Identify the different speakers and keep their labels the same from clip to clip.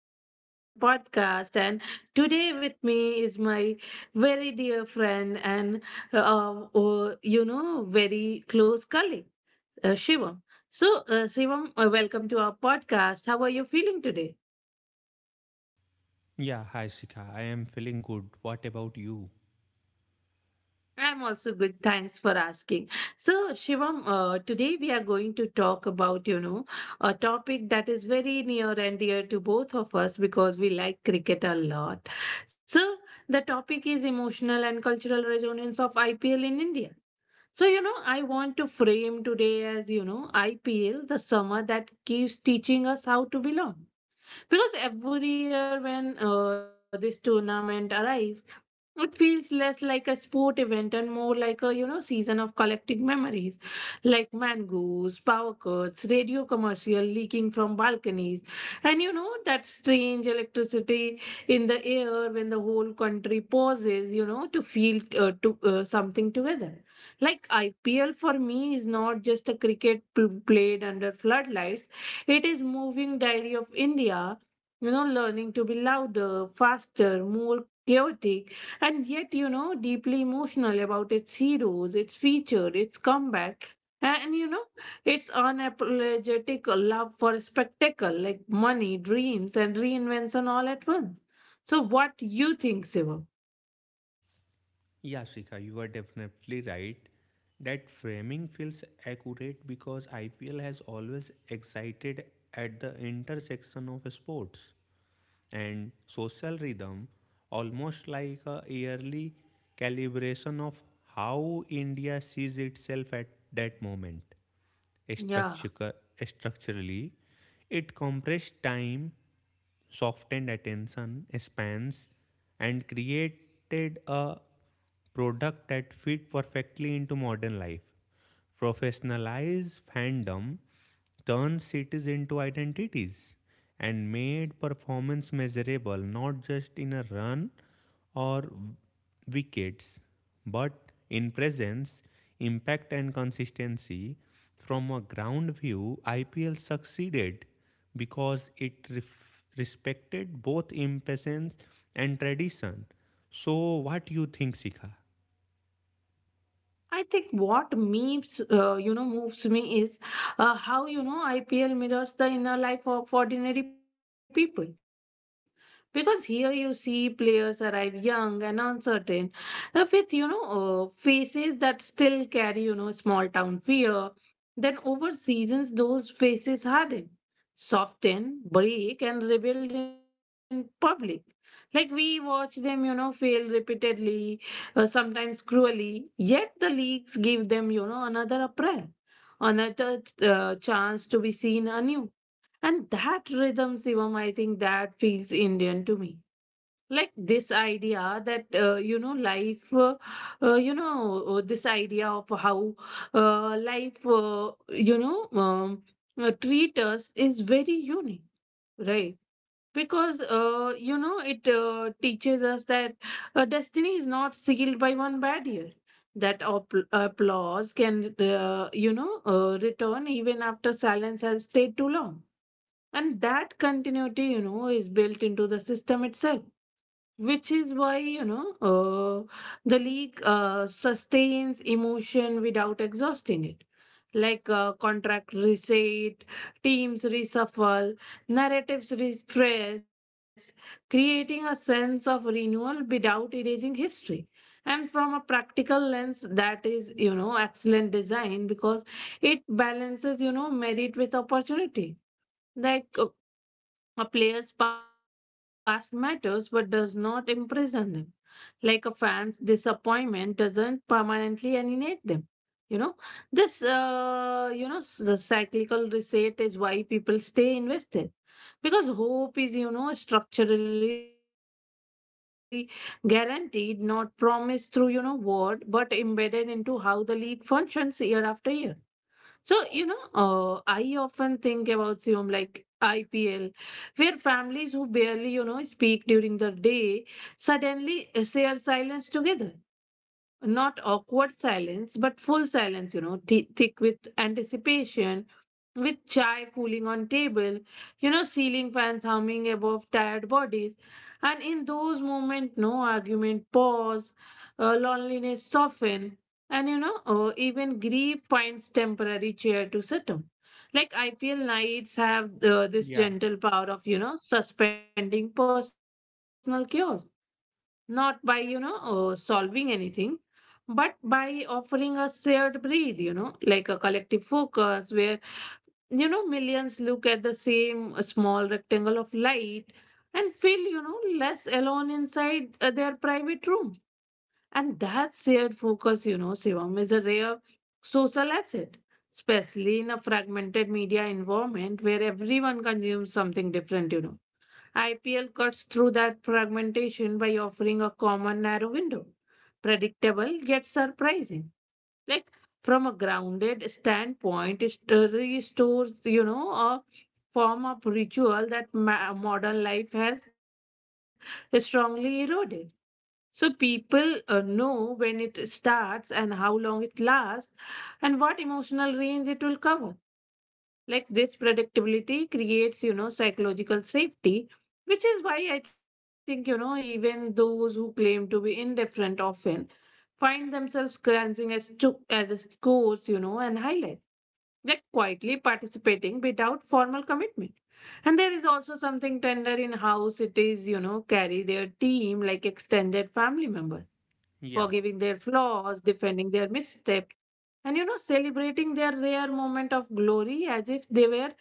Speaker 1: again to my podcast. And today with me is my very dear friend and, very close colleague, Shivam. So, Shivam, welcome to our podcast. How are you feeling today?
Speaker 2: Yeah, hi Sika. I am feeling good. What about you?
Speaker 1: I'm also good. Thanks for asking. So, Shivam, today we are going to talk about, a topic that is very near and dear to both of us because we like cricket a lot. So, the topic is emotional and cultural resonance of IPL in India. So, you know, I want to frame today as, you know, IPL, the summer that keeps teaching us how to belong. Because every year when this tournament arrives, it feels less like a sport event and more like a, you know, season of collecting memories, like mangoes, power cuts, radio commercial leaking from balconies, and you know that strange electricity in the air when the whole country pauses, you know, to feel to something together. Like IPL for me is not just a cricket played under floodlights, it is moving diary of India, you know, learning to be louder, faster, more chaotic, and yet, you know, deeply emotional about its heroes, its future, its comeback. And you know, its unapologetic love for spectacle, like money, dreams, and reinvention all at once. So, what you think, Siva?
Speaker 2: Yeah, Sika, you are definitely right. That framing feels accurate because IPL has always excited at the intersection of sports and social rhythm, almost like a yearly calibration of how India sees itself at that moment. Structure,
Speaker 1: Yeah.
Speaker 2: structurally, it compressed time, softened attention spans, and created a product that fit perfectly into modern life. Professionalized fandom turned cities into identities and made performance measurable not just in a run or wickets, but in presence, impact, and consistency. From a ground view, IPL succeeded because it respected both impatience and tradition. So, what do you think, Sikha?
Speaker 1: I think what memes, you know, moves me is how you know IPL mirrors the inner life of ordinary people. Because here you see players arrive young and uncertain, with you know faces that still carry, you know, small town fear. Then over seasons, those faces harden, soften, break, and rebuild in public. Like we watch them, you know, fail repeatedly, sometimes cruelly, yet the leagues give them, you know, another April, another chance to be seen anew. And that rhythm, Sivam, I think that feels Indian to me. Like this idea that, you know, this idea of how life, treat us is very unique, right? Because you know it teaches us that destiny is not sealed by one bad year, that applause can return even after silence has stayed too long, and that continuity, you know, is built into the system itself, which is why, the league sustains emotion without exhausting it. Like contract reset, teams reshuffle, narratives refresh, creating a sense of renewal without erasing history. And from a practical lens, that is, you know, excellent design, because it balances, you know, merit with opportunity. Like a player's past matters but does not imprison them. Like a fan's disappointment doesn't permanently alienate them. You know, this, you know, s- the cyclical reset is why people stay invested. Because hope is, you know, structurally guaranteed, not promised through, you know, word, but embedded into how the league functions year after year. So, I often think about Siom like IPL, where families who barely, you know, speak during the day suddenly share silence together. Not awkward silence, but full silence, you know, thick with anticipation, with chai cooling on table, you know, ceiling fans humming above tired bodies. And in those moments, no argument, pause, loneliness soften, and even grief finds temporary chair to sit on. Like IPL nights have this
Speaker 2: Yeah,
Speaker 1: gentle power of, you know, suspending personal chaos, not by, solving anything, but by offering a shared breathe, you know, like a collective focus where, you know, millions look at the same small rectangle of light and feel, you know, less alone inside their private room. And that shared focus, you know, Shivam, is a rare social asset, especially in a fragmented media environment where everyone consumes something different, you know. IPL cuts through that fragmentation by offering a common narrow window, predictable yet surprising. Like from a grounded standpoint, it restores, you know, a form of ritual that modern life has strongly eroded. So people know when it starts and how long it lasts and what emotional range it will cover. Like this predictability creates, you know, psychological safety, which is why I think, you know, even those who claim to be indifferent often find themselves glancing as to as a scores, you know, and highlights, like quietly participating without formal commitment. And there is also something tender in how cities, you know, carry their team like extended family members,
Speaker 2: yeah,
Speaker 1: forgiving their flaws, defending their missteps, and, you know, celebrating their rare moment of glory as if they were,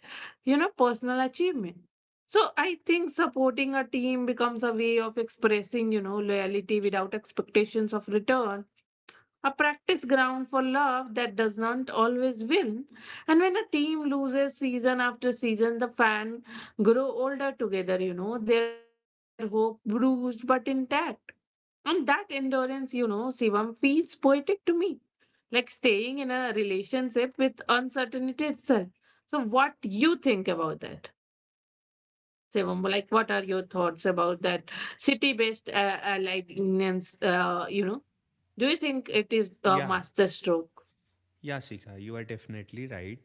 Speaker 1: you know, personal achievement. So I think supporting a team becomes a way of expressing, you know, loyalty without expectations of return, a practice ground for love that does not always win. And when a team loses season after season, the fan grow older together, you know, their hope bruised but intact. And that endurance, you know, Shivam, feels poetic to me, like staying in a relationship with uncertainty itself. So what you think about that? Shivam? Like what are your thoughts about that city-based alliance, you know? Do you think it is a
Speaker 2: yeah,
Speaker 1: master stroke?
Speaker 2: yeah, Sikha, you are definitely right.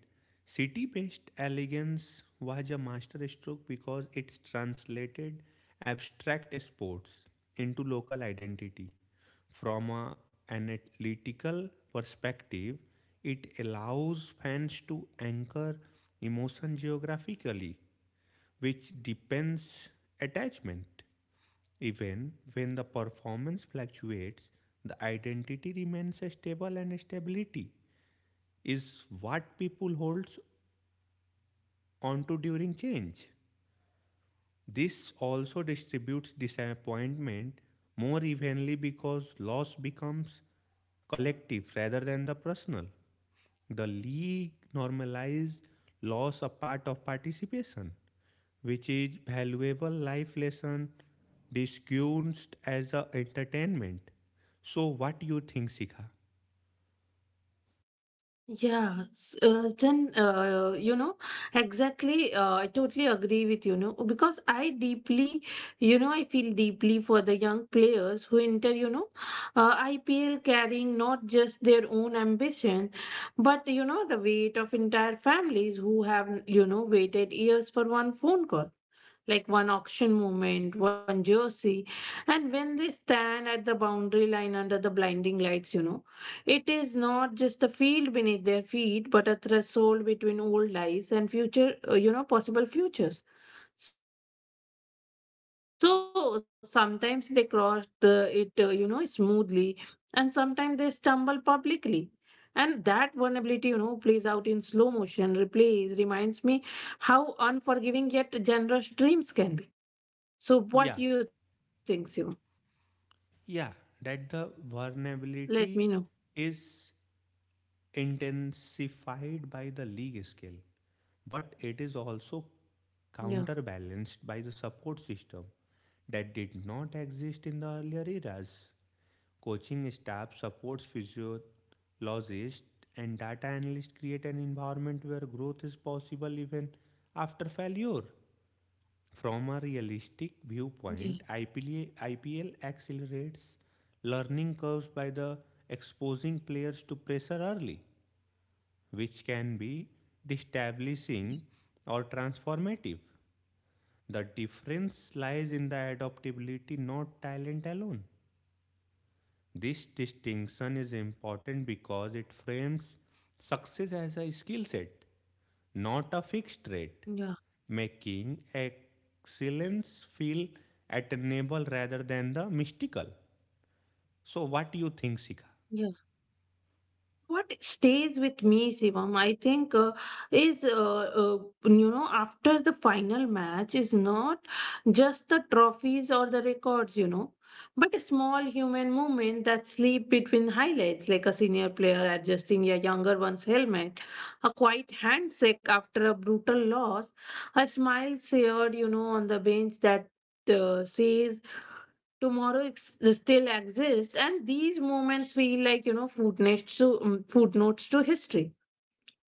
Speaker 2: City based elegance was a masterstroke because it's translated abstract sports into local identity. From a analytical perspective, it allows fans to anchor emotion geographically, which depends attachment. Even when the performance fluctuates, the identity remains stable, and stability is what people holds onto during change. This also distributes disappointment more evenly, because loss becomes collective rather than the personal. The league normalized loss of part of participation, which is valuable life lesson disguised as a entertainment. So what you think, Sika?
Speaker 1: Yeah, s- then you know exactly. I totally agree with you know, because I deeply, I feel deeply for the young players who enter, IPL carrying not just their own ambition, but you know the weight of entire families who have, you know, waited years for one phone call, like one auction moment, one jersey. And when they stand at the boundary line under the blinding lights, you know, it is not just the field beneath their feet, but a threshold between old lives and future, you know, possible futures. So sometimes they cross it you know, smoothly, and sometimes they stumble publicly. And that vulnerability, you know, plays out in slow motion, replays, reminds me how unforgiving yet generous dreams can be. So what do you think, Sim?
Speaker 2: Yeah, yeah, that
Speaker 1: Let
Speaker 2: the
Speaker 1: me know.
Speaker 2: vulnerability is intensified by the league scale, but it is
Speaker 1: Yeah,
Speaker 2: also counterbalanced by the support system that did not exist in the earlier eras. Coaching staff, supports physiologists, and data analysts create an environment where growth is possible even after failure. From
Speaker 1: yeah,
Speaker 2: a realistic viewpoint, IPL accelerates learning curves by the exposing players to pressure early, which can be
Speaker 1: yeah,
Speaker 2: destabilizing or transformative. The difference lies in the adaptability, not talent alone. This distinction is important because it frames success as a skill set, not a
Speaker 1: yeah.
Speaker 2: fixed rate, making excellence feel attainable rather than the mystical. So, what do you think,
Speaker 1: Yeah.
Speaker 2: Sika?
Speaker 1: What stays with me, Shivam, I think, is, you know, after the final match is not just the trophies or the records, you know, but a small human movement that sleep between highlights, like a senior player adjusting a younger one's helmet, a quiet handshake after a brutal loss, a smile shared, you know, on the bench that says tomorrow still exists. And these moments feel like, you know, footnotes to history,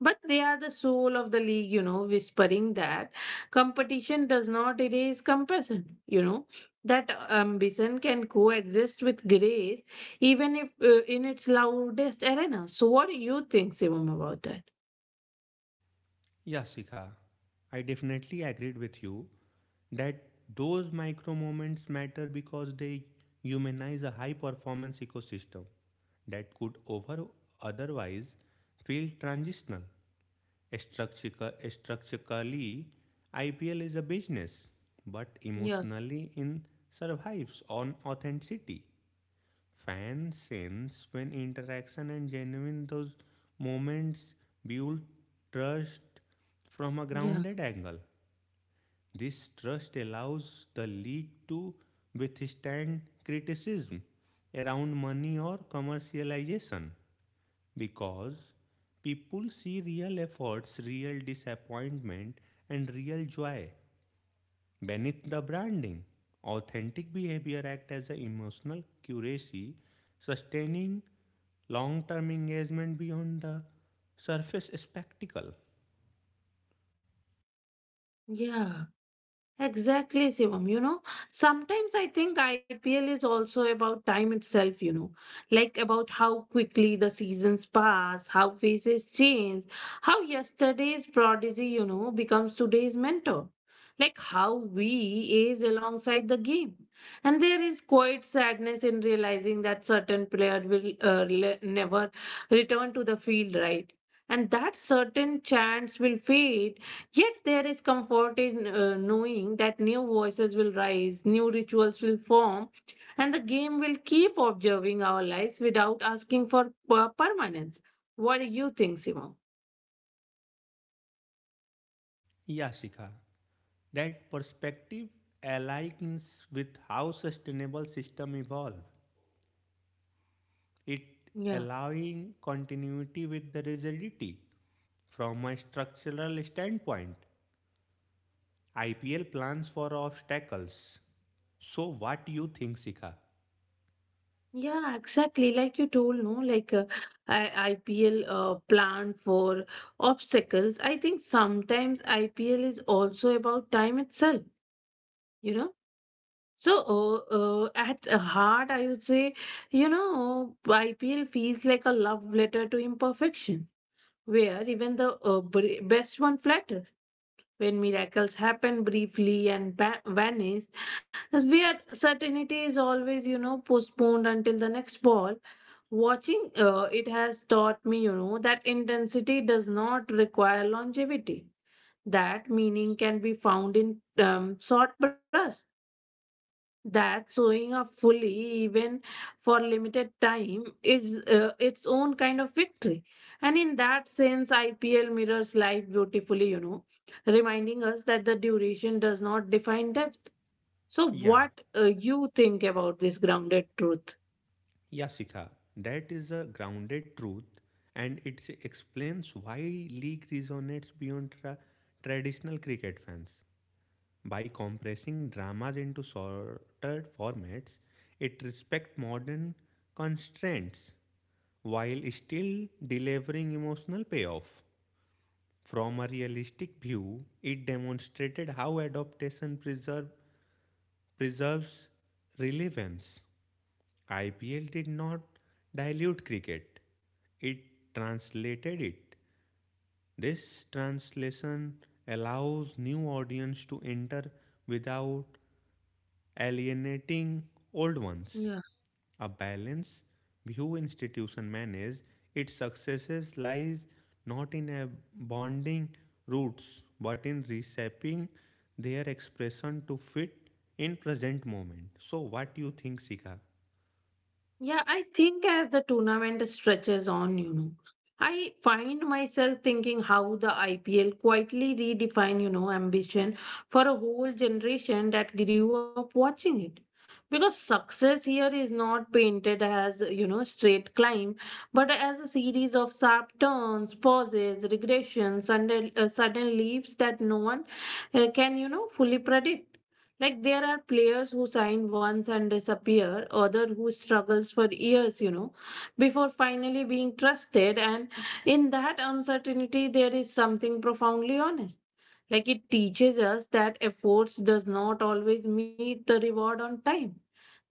Speaker 1: but they are the soul of the league, you know, whispering that competition does not erase compassion, you know, that ambition can coexist with grace, even if in its loudest arena. So what do you think, Sivam, about that?
Speaker 2: Yeah, Sika, I definitely agreed with you that those micro moments matter because they humanize a high performance ecosystem that could over otherwise feel transitional. Structurally, IPL is a business, but
Speaker 1: Yeah,
Speaker 2: emotionally, it survives on authenticity. Fans sense when interaction and genuine those moments build trust from a
Speaker 1: yeah,
Speaker 2: grounded angle. This trust allows the league to withstand criticism around money or commercialization, because people see real efforts, real disappointment, and real joy beneath the branding. Authentic behavior acts as an emotional curacy, sustaining long-term engagement beyond the surface spectacle.
Speaker 1: yeah. Exactly, Shivam. You know, sometimes I think IPL is also about time itself, you know, like about how quickly the seasons pass, how faces change, how yesterday's prodigy, you know, becomes today's mentor, like how we age alongside the game. And there is quite sadness in realizing that certain player will never return to the field, right? And that certain chance will fade. Yet there is comfort in knowing that new voices will rise, new rituals will form, and the game will keep observing our lives without asking for permanence. What do you think, Simo?
Speaker 2: Yeah, Shikha, that perspective aligns with how sustainable system evolve, it
Speaker 1: Yeah.
Speaker 2: allowing continuity with the rigidity. From a structural standpoint, IPL plans for obstacles. So what do you think, Sikha?
Speaker 1: Yeah, exactly. Like you told, no, like IPL plan for obstacles. I think sometimes IPL is also about time itself. You know. So, at heart, I would say, you know, IPL feels like a love letter to imperfection, where even the best one flatter. When miracles happen briefly and vanish, as where certainty is always, you know, postponed until the next ball. Watching it has taught me, you know, that intensity does not require longevity. That meaning can be found in short brush. That showing up fully, even for limited time, is its own kind of victory. And in that sense, IPL mirrors life beautifully, you know, reminding us that the duration does not define depth. So
Speaker 2: Yeah,
Speaker 1: what you think about this grounded truth?
Speaker 2: yeah, Sikha. That is a grounded truth, and it explains why league resonates beyond traditional cricket fans. By compressing dramas into shorter formats, it respects modern constraints while still delivering emotional payoff. From a realistic view, it demonstrated how preserves relevance. IPL did not dilute cricket, it translated it. This translation allows new audience to enter without alienating old ones.
Speaker 1: Yeah.
Speaker 2: A balanced view institution manage its successes lies not in abandoning roots, but in reshaping their expression to fit in present moment. So what do you think, Sika?
Speaker 1: Yeah, I think as the tournament stretches on, you know, I find myself thinking how the IPL quietly redefine, you know, ambition for a whole generation that grew up watching it. Because success here is not painted as, you know, straight climb, but as a series of sharp turns, pauses, regressions, and sudden leaps that no one can, you know, fully predict. Like there are players who sign once and disappear, other who struggles for years, you know, before finally being trusted. And in that uncertainty, there is something profoundly honest. Like it teaches us that efforts does not always meet the reward on time.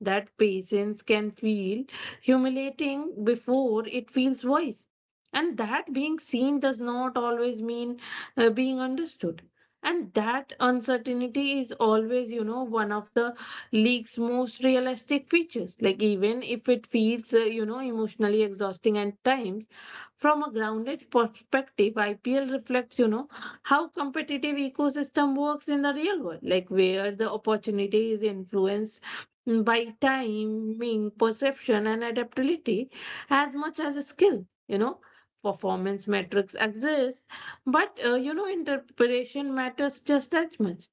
Speaker 1: That patience can feel humiliating before it feels wise. And that being seen does not always mean being understood, and that uncertainty is always, you know, one of the league's most realistic features. Like, even if it feels, you know, emotionally exhausting at times, from a grounded perspective, IPL reflects, you know, how competitive ecosystem works in the real world, like where the opportunity is influenced by timing, perception, and adaptability as much as skill, you know. Performance metrics exist, but you know, interpretation matters just as much.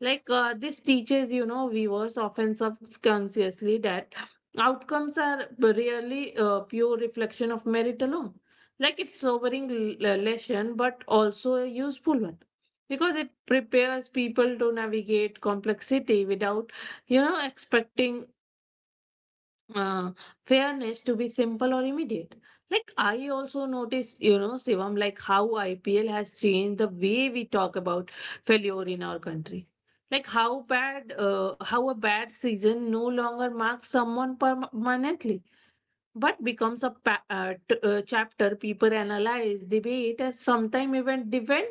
Speaker 1: This teaches, you know, viewers often subconsciously that outcomes are rarely a pure reflection of merit alone. Like it's sobering lesson, but also a useful one because it prepares people to navigate complexity without, you know, expecting uh, fairness to be simple or immediate. Like I also notice, you know, Shivam, like how IPL has changed the way we talk about failure in our country. Like how a bad season no longer marks someone permanently, but becomes a chapter people analyze, debate, and sometimes even defend.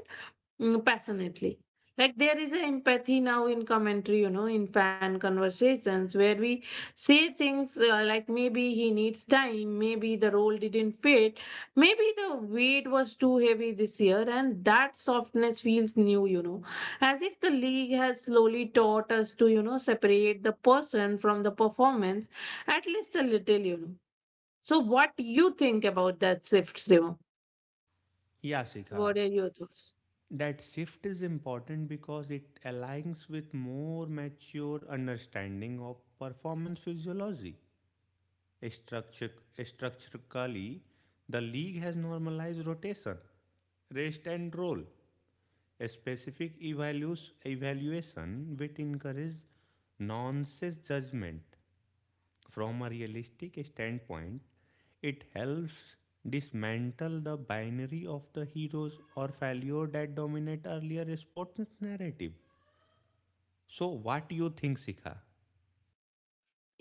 Speaker 1: Mm, passionately. Like there is an empathy now in commentary, you know, in fan conversations where we say things like maybe he needs time, maybe the role didn't fit, maybe the weight was too heavy this year, and that softness feels new, you know, as if the league has slowly taught us to, you know, separate the person from the performance at least a little, you know. So, what do you think about that shift, Demo?
Speaker 2: Yeah, Sika.
Speaker 1: What are your thoughts?
Speaker 2: That shift is important because it aligns with more mature understanding of performance physiology. Structure, structurally, the league has normalized rotation, rest and roll, a evaluation which encourages nonsense judgment from a realistic standpoint. It helps dismantle the binary of the heroes or failure that dominate earlier sports narrative. So, what do you think, Sika?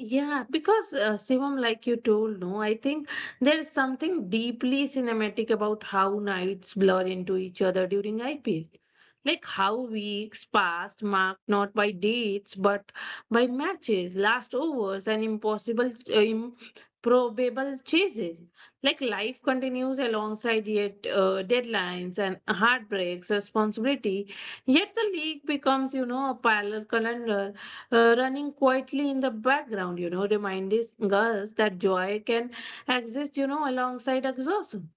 Speaker 1: Yeah, because Shivam, like you told, no, I think there is something deeply cinematic about how nights blur into each other during IPL. Like how weeks passed, marked not by dates but by matches, last overs, and improbable chases. Like life continues alongside, yet deadlines and heartbreaks, responsibility. Yet the league becomes, you know, a parallel calendar running quietly in the background, you know, reminding us that joy can exist, you know, alongside exhaustion.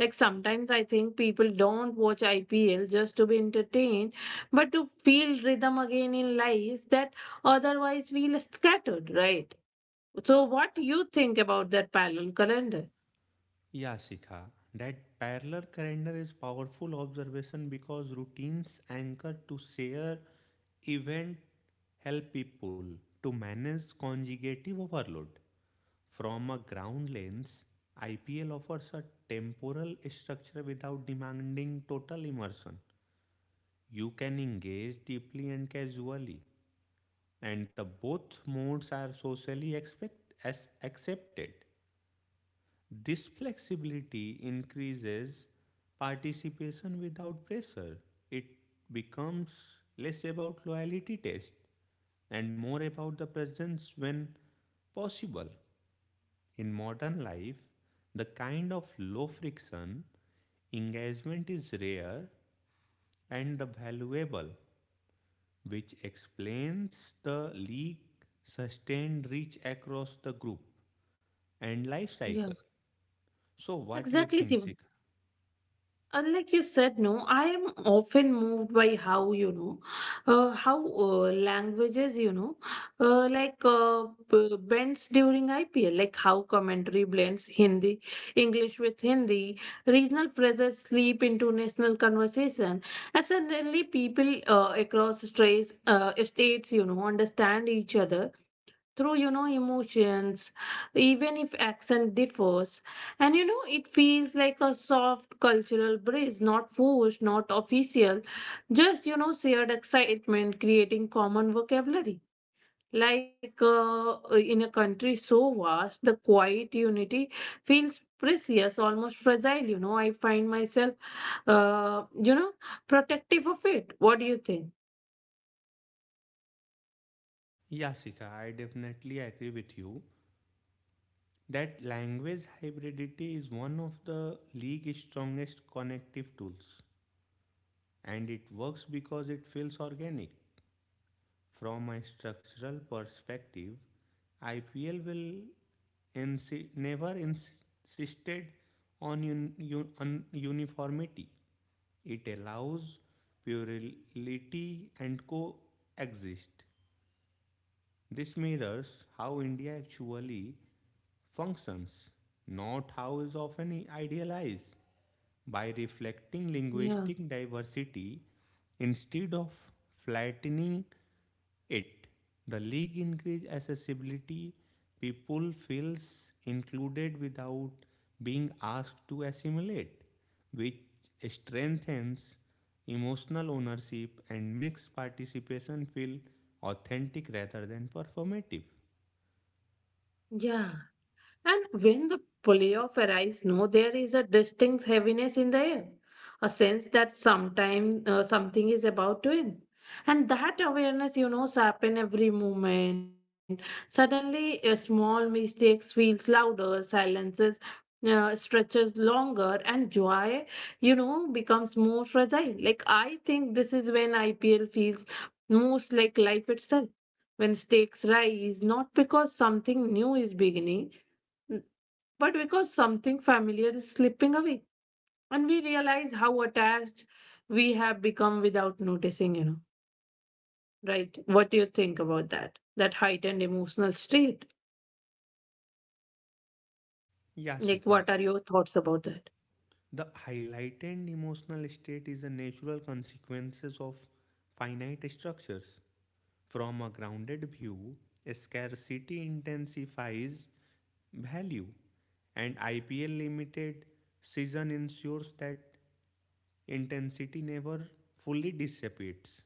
Speaker 1: Like sometimes I think people don't watch IPL just to be entertained, but to feel rhythm again in life that otherwise feel scattered, right? So what do you think about that parallel calendar?
Speaker 2: Yeah, Sika. That parallel calendar is powerful observation, because routines anchored to share event help people to manage conjugative overload. From a ground lens, IPL offers a temporal structure without demanding total immersion. You can engage deeply and casually, and the both modes are socially expect as accepted. This flexibility increases participation without pressure. It becomes less about loyalty test and more about the presence when possible. In modern life, the kind of low friction engagement is rare and valuable, which explains the league sustained reach across the group and life
Speaker 1: Yeah,
Speaker 2: cycle. So, what do you
Speaker 1: exactly.
Speaker 2: think, Sika?
Speaker 1: And like you said, no, I am often moved by how, you know, how languages, you know, bends during IPL, like how commentary blends Hindi, English with Hindi, regional phrases slip into national conversation, and suddenly people across states, you know, understand each other through, you know, emotions, even if accent differs. And you know, it feels like a soft cultural bridge, not forced, not official, just, you know, shared excitement creating common vocabulary. like uh, in a country so vast, the quiet unity feels precious, almost fragile. You know, I find myself uh, you know, protective of it. What do you think?
Speaker 2: Yasika, I definitely agree with you that language hybridity is one of the league's strongest connective tools, and it works because it feels organic. From a structural perspective, IPL never insisted on uniformity. It allows plurality and coexist. This mirrors how India actually functions, not how is often idealized. By reflecting
Speaker 1: Yeah,
Speaker 2: linguistic diversity instead of flattening it, the league increases accessibility. People feels included without being asked to assimilate, which strengthens emotional ownership and makes participation feel authentic rather than performative.
Speaker 1: yeah. And when the playoff arrives, no, there is a distinct heaviness in the air, a sense that sometime something is about to end. And that awareness, you know, sharpen every moment. Suddenly, a small mistakes feels louder, silences stretches longer, and joy, you know, becomes more fragile. Like I think this is when IPL feels most like life itself, when stakes rise, not because something new is beginning. N- But because something familiar is slipping away, and we realize how attached we have become without noticing, you know, right? What do you think about that? That heightened emotional state? Like,
Speaker 2: Yashika.
Speaker 1: what are your thoughts about that?
Speaker 2: The highlighted emotional state is a natural consequences of finite structures. From a grounded view, scarcity intensifies value, and IPL limited season ensures that intensity never fully dissipates.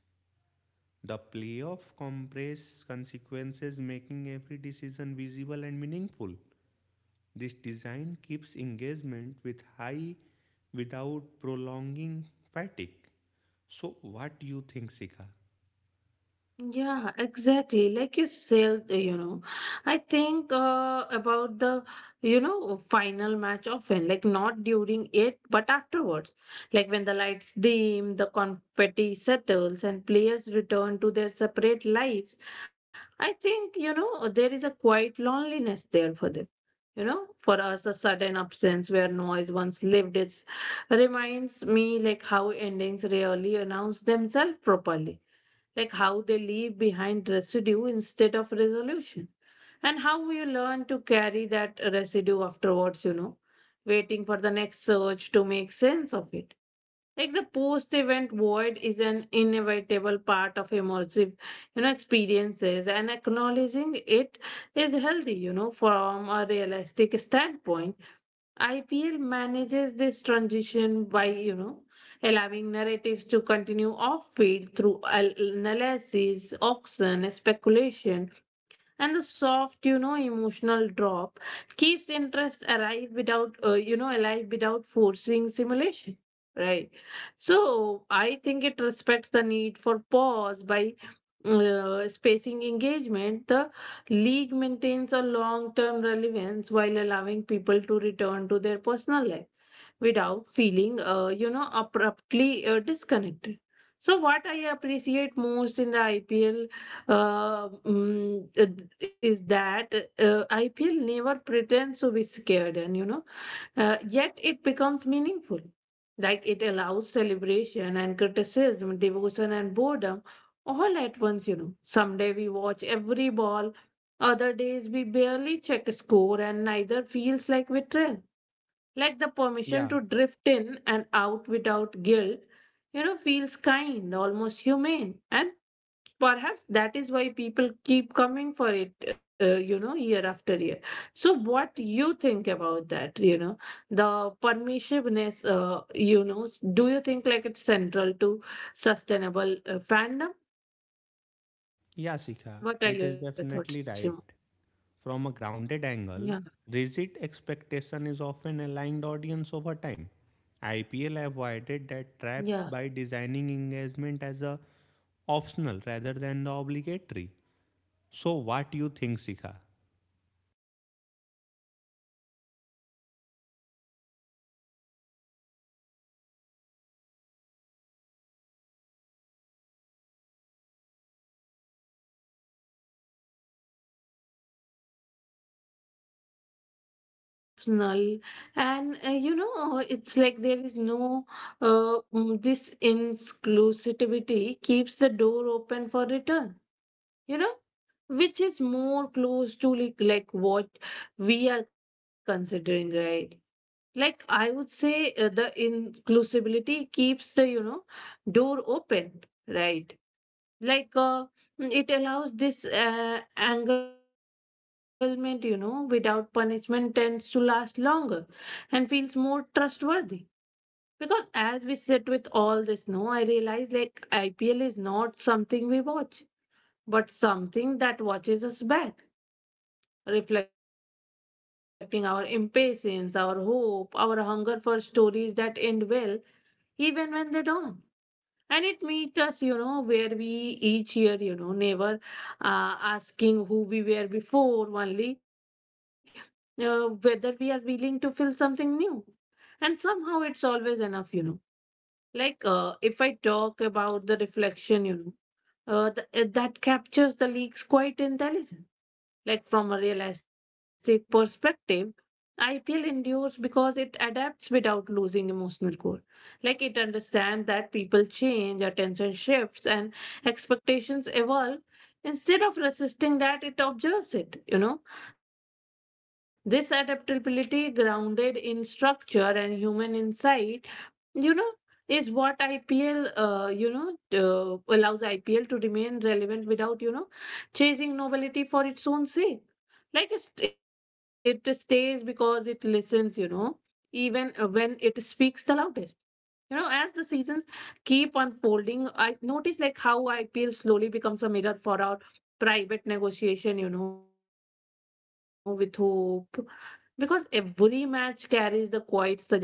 Speaker 2: The playoff compress consequences, making every decision visible and meaningful. This design keeps engagement with high without prolonging fatigue. So, what do you think, Sika?
Speaker 1: Yeah, exactly. Like you said, you know, I think about the, you know, final match often, like not during it, but afterwards. Like when the lights dim, the confetti settles, and players return to their separate lives. I think, you know, there is a quiet loneliness there for them. You know, for us, a sudden absence where noise once lived is reminds me like how endings rarely announce themselves properly, like how they leave behind residue instead of resolution, and how you learn to carry that residue afterwards, you know, waiting for the next surge to make sense of it. Like the post event void is an inevitable part of immersive, you know, experiences, and acknowledging it is healthy. You know, from a realistic standpoint, IPL manages this transition by, you know, allowing narratives to continue off field through analysis, auction, speculation, and the soft, you know, emotional drop keeps interest alive without alive without forcing simulation. Right. So I think it respects the need for pause. By spacing engagement, the league maintains a long term relevance while allowing people to return to their personal life without feeling, you know, abruptly disconnected. So, what I appreciate most in the IPL, is that IPL never pretends to be scared, and you know, yet it becomes meaningful. Like it allows celebration and criticism, devotion and boredom all at once, you know. Someday we watch every ball, other days we barely check score, and neither feels like betrayal. Like the permission
Speaker 2: Yeah,
Speaker 1: to drift in and out without guilt, you know, feels kind, almost humane. And perhaps that is why people keep coming for it, you know, year after year. So, what you think about that, you know, the permissiveness, do you think like it's central to sustainable fandom?
Speaker 2: yeah, Sika,
Speaker 1: What are
Speaker 2: it is
Speaker 1: your thoughts, Simo?
Speaker 2: definitely right. From a grounded
Speaker 1: Yeah,
Speaker 2: angle, rigid expectation is often aligned audience over time. IPL
Speaker 1: yeah,
Speaker 2: avoided that trap by designing engagement as a optional rather than the
Speaker 1: yeah. Like
Speaker 2: obligatory.
Speaker 1: you told, no,
Speaker 2: So, what
Speaker 1: IPL
Speaker 2: do you think, Sika?
Speaker 1: always avoided, you know, these kind of, you know, whatever, you know, hierarchy is there. And there is no moral hierarchy of fandom enforced, right? like uh, Optional, it's optional. And it's like there is no this inclusivity keeps the door open for return, you know, which is more close to like what we are considering, right? Like I would say the inclusivity keeps the, you know, door open, right? like uh, it allows this anglement, you know, without punishment, tends to last longer and feels more trustworthy. Because as we sit with all this, no, I realize like IPL is not something we watch, but something that watches us back, reflecting our impatience, our hope, our hunger for stories that end well, even when they don't. And it meet us, you know, where we, each year, you know, never asking who we were before, only whether we are willing to feel something new. And somehow it's always enough, you know. If I talk about the reflection, you know, that captures the leaks quite intelligent. Like from a realistic perspective, I feel endured because it adapts without losing emotional core. Like it understands that people change, attention shifts, and expectations evolve. Instead of resisting that, it observes it. You know, this adaptability, grounded in structure and human insight, you know, is what IPL allows IPL to remain relevant without, you know, chasing novelty for its own sake. Like it stays because it listens, you know, even when it speaks the loudest, you know. As the seasons keep unfolding, I notice like how IPL slowly becomes a mirror for our private negotiation, you know, with hope, because every match carries the quiet suggestion that brings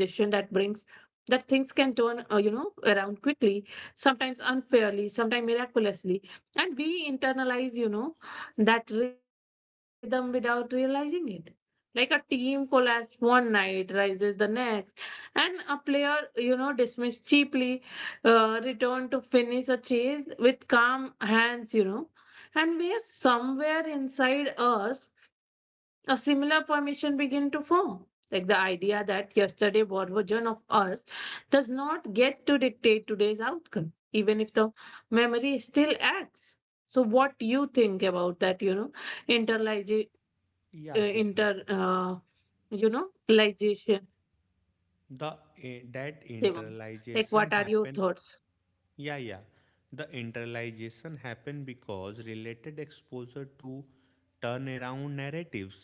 Speaker 1: that things can turn, you know, around quickly, sometimes unfairly, sometimes miraculously. And we internalize, you know, that rhythm without realizing it. Like a team collapsed one night rises the next, and a player, you know, dismissed cheaply, returned to finish a chase with calm hands, you know. And where somewhere inside us a similar permission begin to form. Like the idea that yesterday what version of us does not get to dictate today's outcome, even if the memory still acts. So, what do you think about that? You know, interligi- uh, inter,
Speaker 2: Yeah, Sika.
Speaker 1: uh, you know, ligation,
Speaker 2: the that
Speaker 1: Shivam. Like,
Speaker 2: internalization
Speaker 1: what are your
Speaker 2: happen.
Speaker 1: thoughts?
Speaker 2: Yeah. The internalization happen because related exposure to turnaround narratives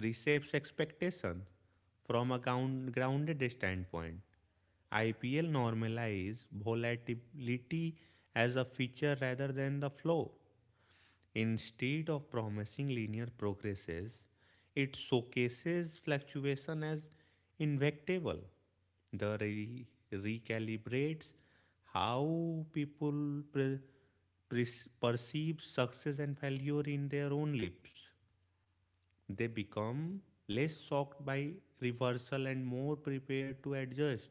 Speaker 2: reshapes expectation from a grounded standpoint. IPL normalize volatility as a feature rather than the flow. Instead of promising linear progresses, it showcases fluctuation as inevitable. The recalibrates how people perceive success and failure in their own lives. They become less shocked by reversal and more prepared to adjust.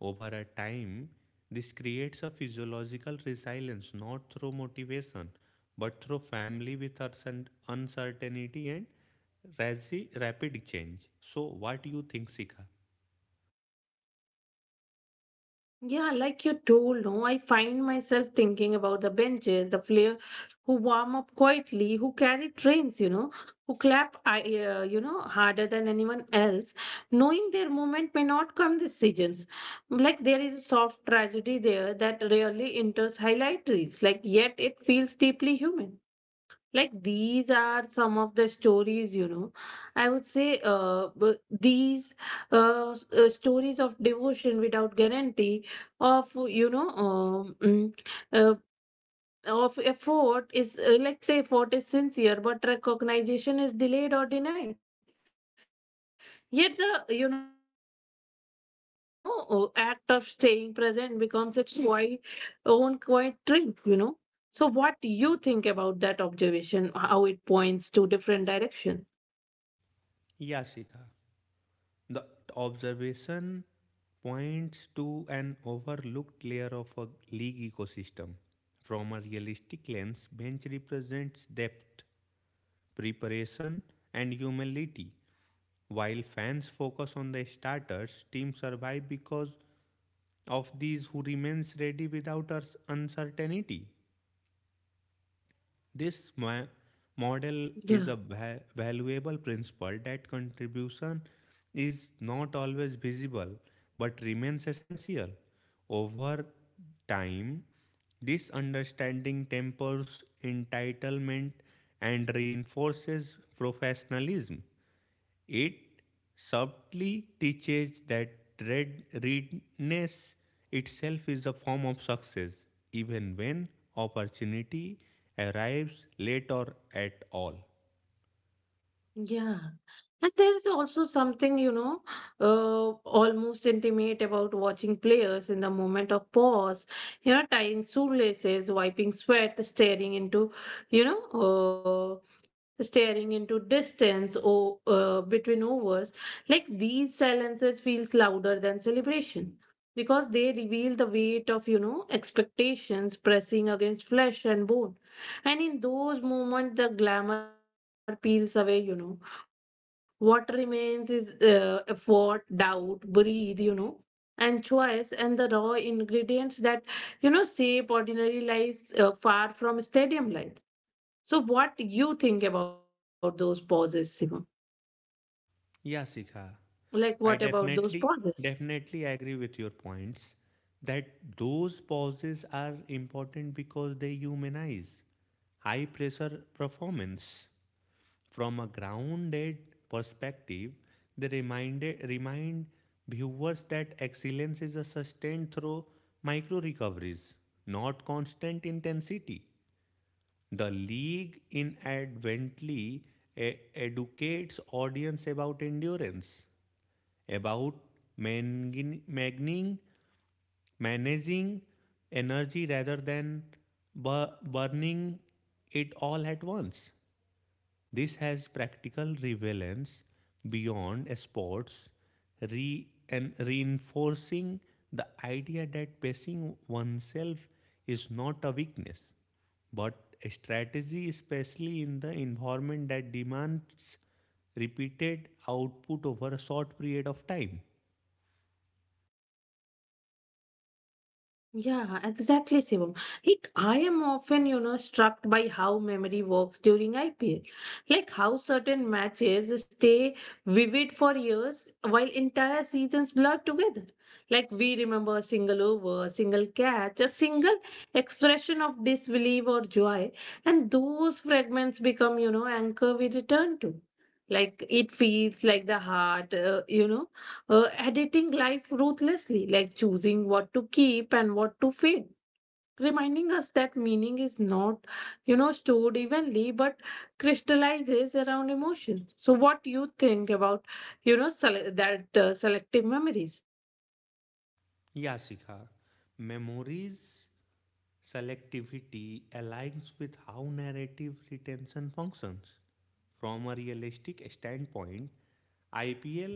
Speaker 2: Over a time, this creates a physiological resilience not through motivation, but through family with uncertainty and rapid change. So, what do you think, Sika?
Speaker 1: Yeah, like you told, no, I find myself thinking about the benches, the player who warm up quietly, who carry trains, you know, who clap, you know, harder than anyone else, knowing their moment may not come this seasons. Like there is a soft tragedy there that rarely enters highlight reels, like yet it feels deeply human. Like these are some of the stories, you know, I would say, these stories of devotion without guarantee, of you know, uh, of effort is like the effort is sincere but recognition is delayed or denied. Yet the, you know, act of staying present becomes its quiet, own quiet triumph, you know. So what do you think about that observation, how it points to different directions?
Speaker 2: Yeah, Sika. The observation points to an overlooked layer of a league ecosystem. From a realistic lens, bench represents depth, preparation, and humility. While fans focus on the starters, teams survive because of these who remains ready without uncertainty. This
Speaker 1: Yeah,
Speaker 2: model is a valuable principle that contribution is not always visible, but remains essential. Over time, this understanding tempers entitlement and reinforces professionalism. It subtly teaches that readiness itself is a form of success, even when opportunity arrives late or at all.
Speaker 1: yeah. And there's also something, almost intimate about watching players in the moment of pause, you know, tying shoelaces, wiping sweat, staring into, you know, staring into distance or between overs. Like these silences feels louder than celebration because they reveal the weight of, you know, expectations pressing against flesh and bone. And in those moments, the glamour peels away, what remains is effort, doubt, breathe, you know, and choice, and the raw ingredients that, you know, shape ordinary lives far from stadium life. So, what you think about those pauses, Sima? Like,
Speaker 2: Yeah,
Speaker 1: what about
Speaker 2: Sikha.
Speaker 1: those pauses?
Speaker 2: I definitely agree with your points that those pauses are important because they humanize high pressure performance. From a grounded perspective, they remind viewers that excellence is a sustained through micro recoveries, not constant intensity. The league inadvertently educates audience about endurance, about mangin- magning- managing energy rather than burning it all at once. This has practical relevance beyond sports, and reinforcing the idea that pacing oneself is not a weakness, but a strategy, especially in the environment that demands repeated output over a short period of time.
Speaker 1: Yeah, exactly, Shivam. Like, I am often, you know, struck by how memory works during IPL. Like, how certain matches stay vivid for years while entire seasons blur together. Like, we remember a single over, a single catch, a single expression of disbelief or joy, and those fragments become, you know, anchor we return to. Like, it feels like the heart, editing life ruthlessly, like choosing what to keep and what to fade, reminding us that meaning is not, you know, stored evenly but crystallizes around emotions. So, what do you think about, you know, sele- that selective memories?
Speaker 2: Yeah, Shikha. Memories selectivity aligns with how narrative retention functions. From a realistic standpoint, IPL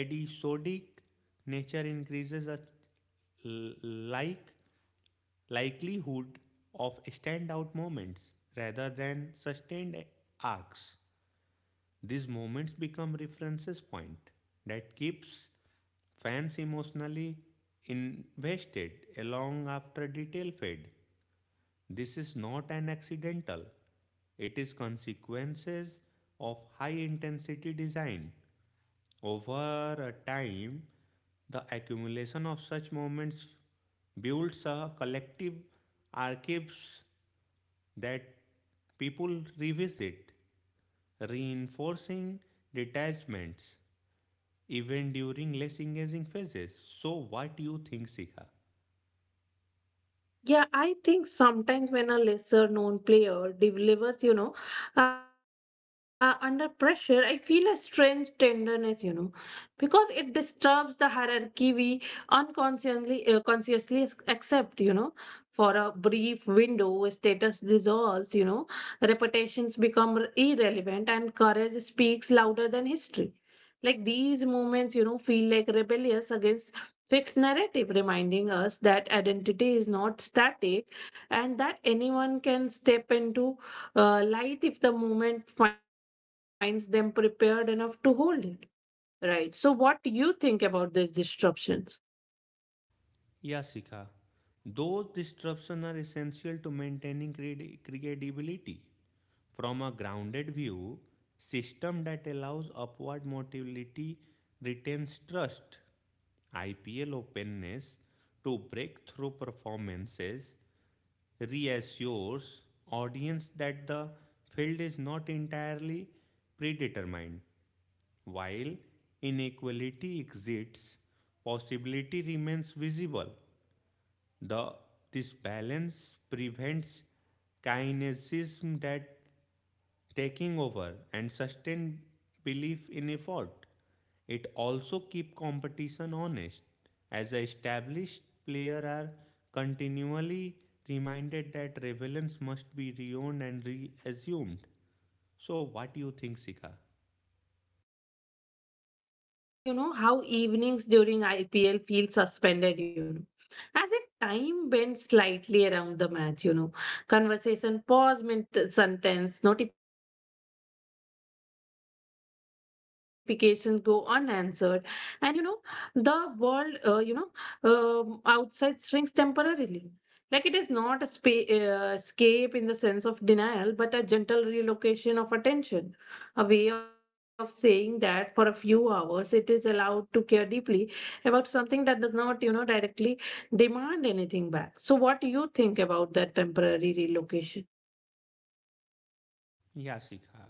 Speaker 2: episodic nature increases a l- like likelihood of standout moments rather than sustained arcs. These moments become references point that keeps fans emotionally invested along after detail fade. This is not an accidental. It is consequences of high intensity design. Over a time, the accumulation of such moments builds a collective archives that people revisit, reinforcing detachments even during less engaging phases. So what you think, Sika?
Speaker 1: Yeah, I think sometimes when a lesser known player delivers, under pressure, I feel a strange tenderness, you know, because it disturbs the hierarchy we unconsciously consciously accept, you know. For a brief window, status dissolves, you know, reputations become irrelevant, and courage speaks louder than history. Like these moments, you know, feel like rebellious against fixed narrative, reminding us that identity is not static and that anyone can step into light if the moment finds them prepared enough to hold it. Right. So, what do you think about these disruptions?
Speaker 2: Yeah, Sika. Those disruptions are essential to maintaining credibility. From a grounded view, system that allows upward mobility retains trust. IPL openness to breakthrough performances reassures audience that the field is not entirely predetermined. While inequality exists, possibility remains visible. The this balance prevents kinesism that taking over and sustain belief in effort. It also keeps competition honest, as the established players are continually reminded that relevance must be reowned and reassumed. So, what do you think, Sika?
Speaker 1: Yeah, I think you know how evenings during IPL feel suspended, you know, as if time bent slightly around the match, you know. Conversation pause mid sentence, notifications go unanswered, and you know, the world, outside shrinks temporarily. Like it is not a escape in the sense of denial, but a gentle relocation of attention a way of saying that for a few hours it is allowed to care deeply about something that does not, you know, directly demand anything back. So, what do you think about that temporary relocation?
Speaker 2: Yasika.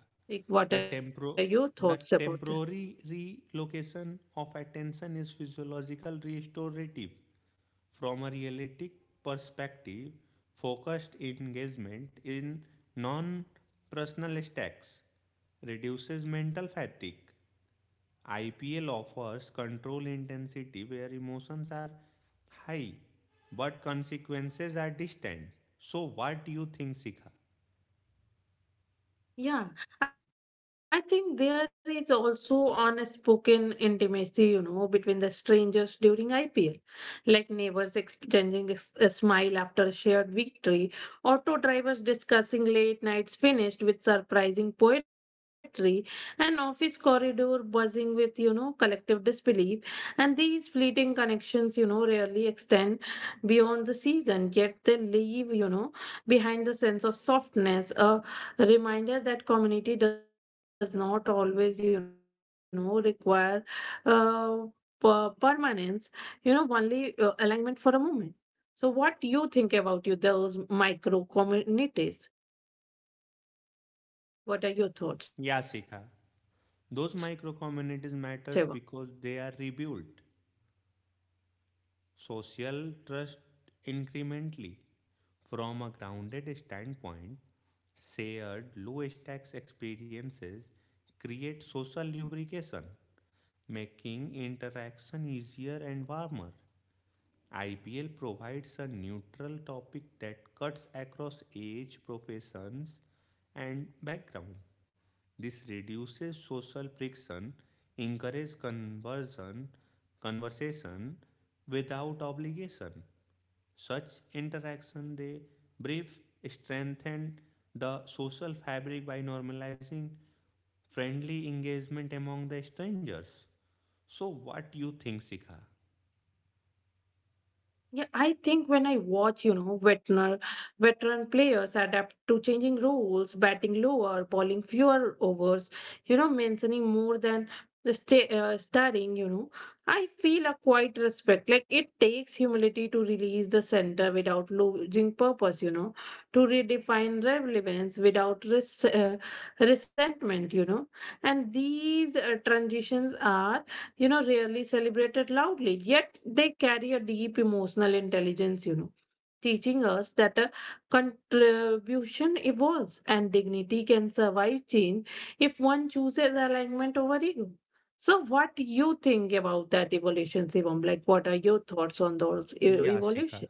Speaker 2: The
Speaker 1: Like, what are
Speaker 2: temporo
Speaker 1: your thoughts
Speaker 2: the
Speaker 1: about that?
Speaker 2: temporary relocation of attention is physiological restorative. From a realistic perspective, focused engagement in non personal stacks reduces mental fatigue. IPL offers control intensity where emotions are high but consequences are distant. So, what do you think, Sikha?
Speaker 1: Yeah, I think there is also unspoken intimacy, you know, between the strangers during IPL, like neighbors exchanging a smile after a shared victory, auto drivers discussing late nights finished with surprising poetry, and office corridor buzzing with, you know, collective disbelief. And these fleeting connections, you know, rarely extend beyond the season, yet they leave, you know, behind the sense of softness, a reminder that community does not always you know require uh, permanence you know only alignment for a moment so what do you think about you those micro communities what are your
Speaker 2: Yeah, Sikha.
Speaker 1: thoughts
Speaker 2: Those
Speaker 1: shiva?
Speaker 2: micro communities matters because they are rebuilt social trust incrementally from a grounded standpoint. Shared low stakes experiences create social lubrication, making interaction easier and warmer. IPL provides a neutral topic that cuts across age, professions, and background. This reduces social friction, encourages conversation without obligation. Such interaction they brief strengthen the social fabric by normalizing friendly engagement among the strangers. So what you think, Sikha?
Speaker 1: Yeah, I think when I watch, you know, veteran players adapt to changing rules, batting lower, bowling fewer overs, you know, mentioning more than the starting, you know, I feel a quiet respect. Like it takes humility to release the center without losing purpose, you know, to redefine relevance without resentment, you know, and these transitions are you know, rarely celebrated loudly, yet they carry a deep emotional intelligence, you know, teaching us that a contribution evolves and dignity can survive change if one chooses alignment over ego. So, what do you think about that evolution, Shivam? Like, what are your thoughts on those
Speaker 2: Yeah, Shikha.
Speaker 1: evolution?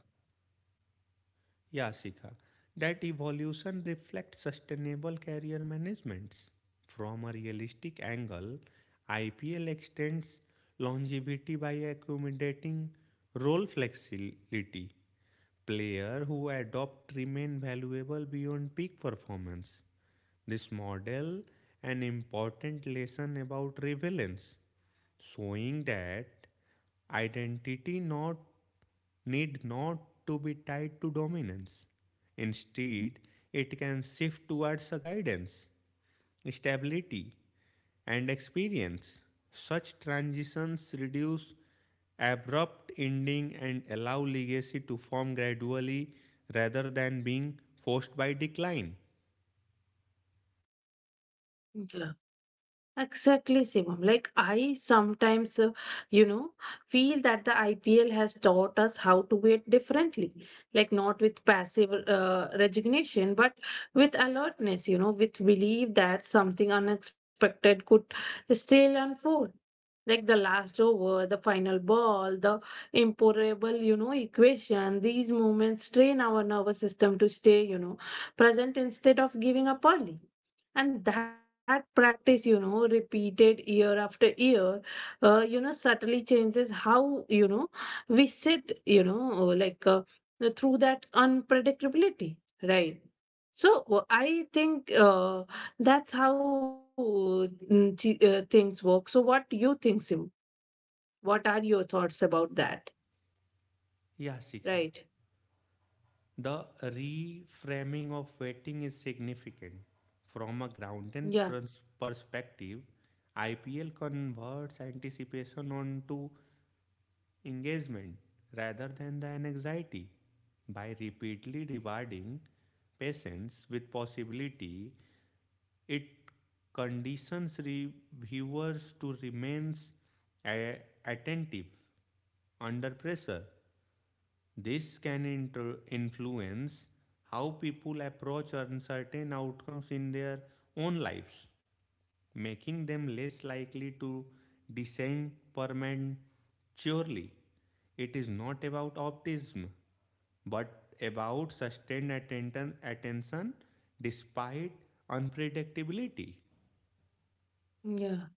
Speaker 2: Yeah, Sika, that evolution reflects sustainable career managements. From a realistic angle, IPL extends longevity by accommodating role flexibility. Players who adopt remain valuable beyond peak performance. This model an important lesson about relevance, showing that identity not need not to be tied to dominance. Instead, it can shift towards a guidance, stability, and experience. Such transitions reduce abrupt ending and allow legacy to form gradually rather than being forced by decline.
Speaker 1: Exactly, Shivam. Like I sometimes, you know, feel that the IPL has taught us how to wait differently, like not with passive resignation, but with alertness. You know, with belief that something unexpected could still unfold. Like the last over, the final ball, the imponderable, you know, equation. These moments train our nervous system to stay, you know, present instead of giving up early. And that practice, you know, repeated year after year, you know, subtly changes how, you know, we sit, you know, through that unpredictability, right? So I think that's how things work. So what do you think, Sim? What are your thoughts about that?
Speaker 2: Yeah, Sikha.
Speaker 1: Right.
Speaker 2: The reframing of waiting is significant. From a grounded
Speaker 1: Yeah.
Speaker 2: perspective, IPL converts anticipation onto engagement rather than the anxiety. By repeatedly rewarding patience with possibility, it conditions reviewers to remain attentive under pressure. This can influence how people approach uncertain outcomes in their own lives, making them less likely to descend prematurely. It is not about optimism, but about sustained attention despite unpredictability.
Speaker 1: Yeah.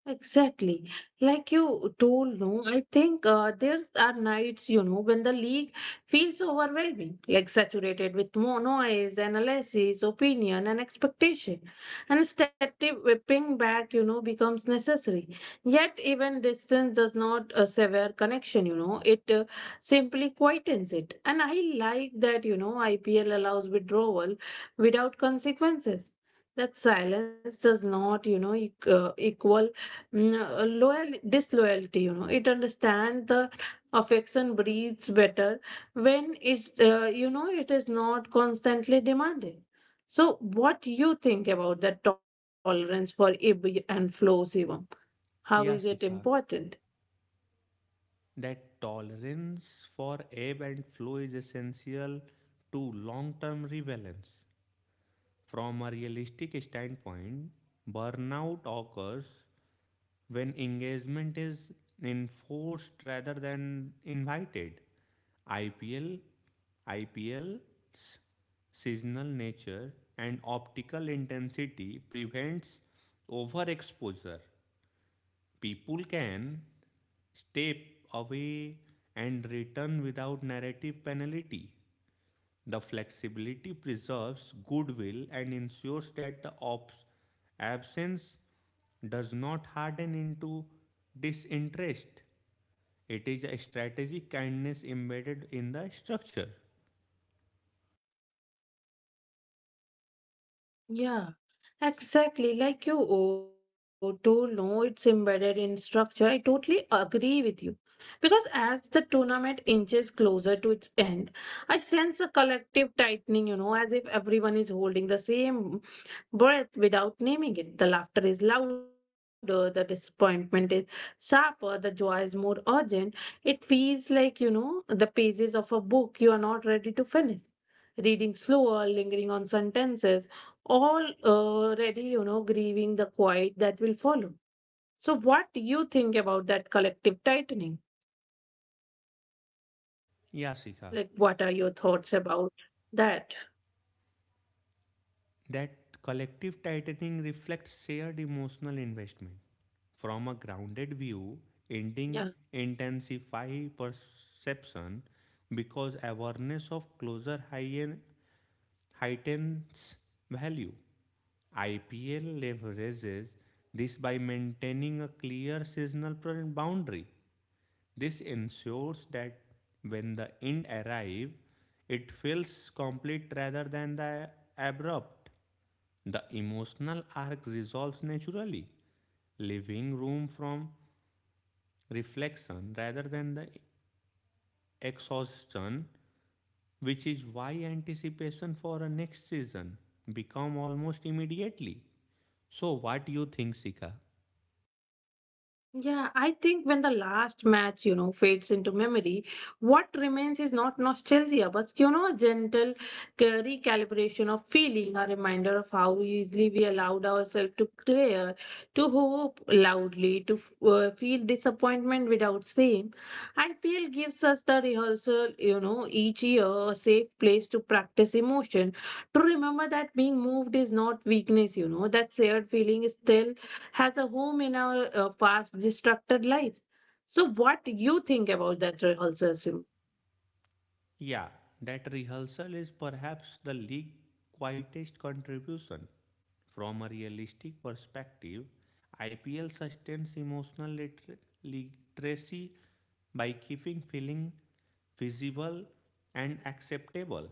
Speaker 1: Exactly. Like you told, no, I think there are nights, you know, when the league feels overwhelming, like saturated with more noise, analysis, opinion, and expectation. And static whipping back, you know, becomes necessary. Yet, even distance does not sever connection, you know, it simply quietens it. And I like that, you know, IPL allows withdrawal without consequences. That silence does not, you know, equal loyal disloyalty you know it understands the affection breathes better when it's you know it is not constantly demanded so what you think about that tolerance for ib and flow Shivam? How
Speaker 2: Yeah,
Speaker 1: is it
Speaker 2: Shikha,
Speaker 1: important?
Speaker 2: that tolerance for ebb and flow is essential to long term relevance. From a realistic standpoint, burnout occurs when engagement is enforced rather than invited. IPL, IPL's seasonal nature and optical intensity prevents overexposure. People can step away and return without narrative penalty. The flexibility preserves goodwill and ensures that the absence does not harden into disinterest. It is a strategic kindness embedded in the structure.
Speaker 1: Yeah. Exactly, like you oh, don't know it's embedded in structure. I totally agree with you. Because as the tournament inches closer to its end, I sense a collective tightening, you know, as if everyone is holding the same breath without naming it. The laughter is louder, the disappointment is sharper, the joy is more urgent. It feels like, you know, the pages of a book you are not ready to finish. Reading slower, lingering on sentences, all already, you know, grieving the quiet that will follow. So, what do you think about that collective tightening?
Speaker 2: Yasika,
Speaker 1: Like, what are your thoughts about that?
Speaker 2: that collective tightening reflects shared emotional investment. From a grounded view, ending
Speaker 1: Yeah.
Speaker 2: intensify perception because awareness of closer higher heightens value. IPL leverages this by maintaining a clear seasonal boundary. This ensures that when the end arrives, it feels complete rather than the abrupt. The emotional arc resolves naturally, leaving room from reflection rather than the exhaustion, which is why anticipation for a next season become almost immediately. So, what do you think, Sika?
Speaker 1: Yeah, I think when the last match, you know, fades into memory, what remains is not nostalgia, but, you know, a gentle recalibration of feeling, a reminder of how easily we allowed ourselves to care, to hope loudly, to feel disappointment without shame. IPL gives us the rehearsal, you know, each year, a safe place to practice emotion, to remember that being moved is not weakness, you know, that shared feeling is still has a home in our fast, distracted lives. So, what do you think about that rehearsal?
Speaker 2: Yeah, that rehearsal is perhaps the league's quietest contribution. From a realistic perspective, IPL sustains emotional literacy by keeping feeling visible and acceptable.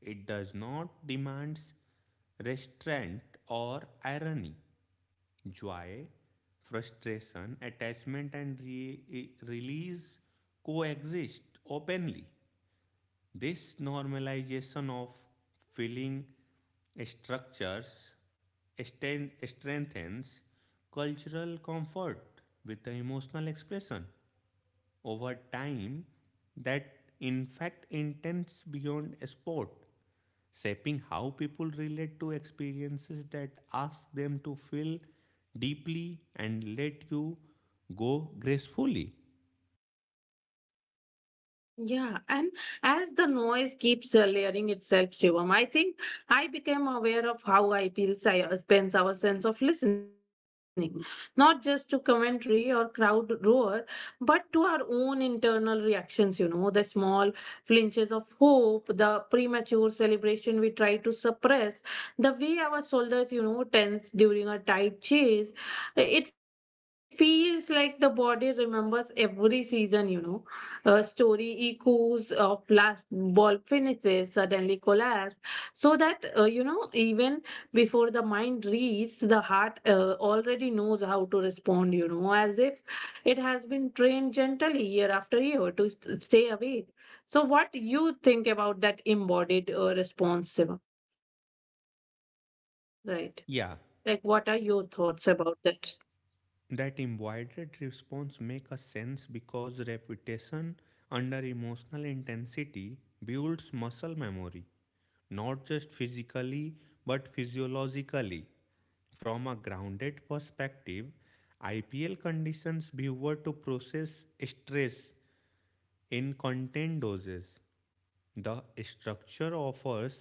Speaker 2: It does not demand restraint or irony. Joy, frustration, attachment, and release coexist openly. This normalization of feeling structures strengthens cultural comfort with the emotional expression over time that in fact intense beyond sport, shaping how people relate to experiences that ask them to feel deeply and let you go gracefully.
Speaker 1: Yeah, and as the noise keeps layering itself, Shivam, I think I became aware of how I feel spends our sense of listening, not just to commentary or crowd roar, but to our own internal reactions, you know, the small flinches of hope, the premature celebration we try to suppress, the way our shoulders, you know, tense during a tight chase. It feels like the body remembers every season, you know story echoes of last ball finishes suddenly collapse so that you know even before the mind reads the heart already knows how to respond you know as if it has been trained gently year after year to stay awake so what you think about that embodied response Siva? Right.
Speaker 2: Yeah,
Speaker 1: Like what are your thoughts about that?
Speaker 2: that embodied response make a sense because repetition under emotional intensity builds muscle memory, not just physically but physiologically. From a grounded perspective, IPL conditions viewer to process stress in content doses. The structure offers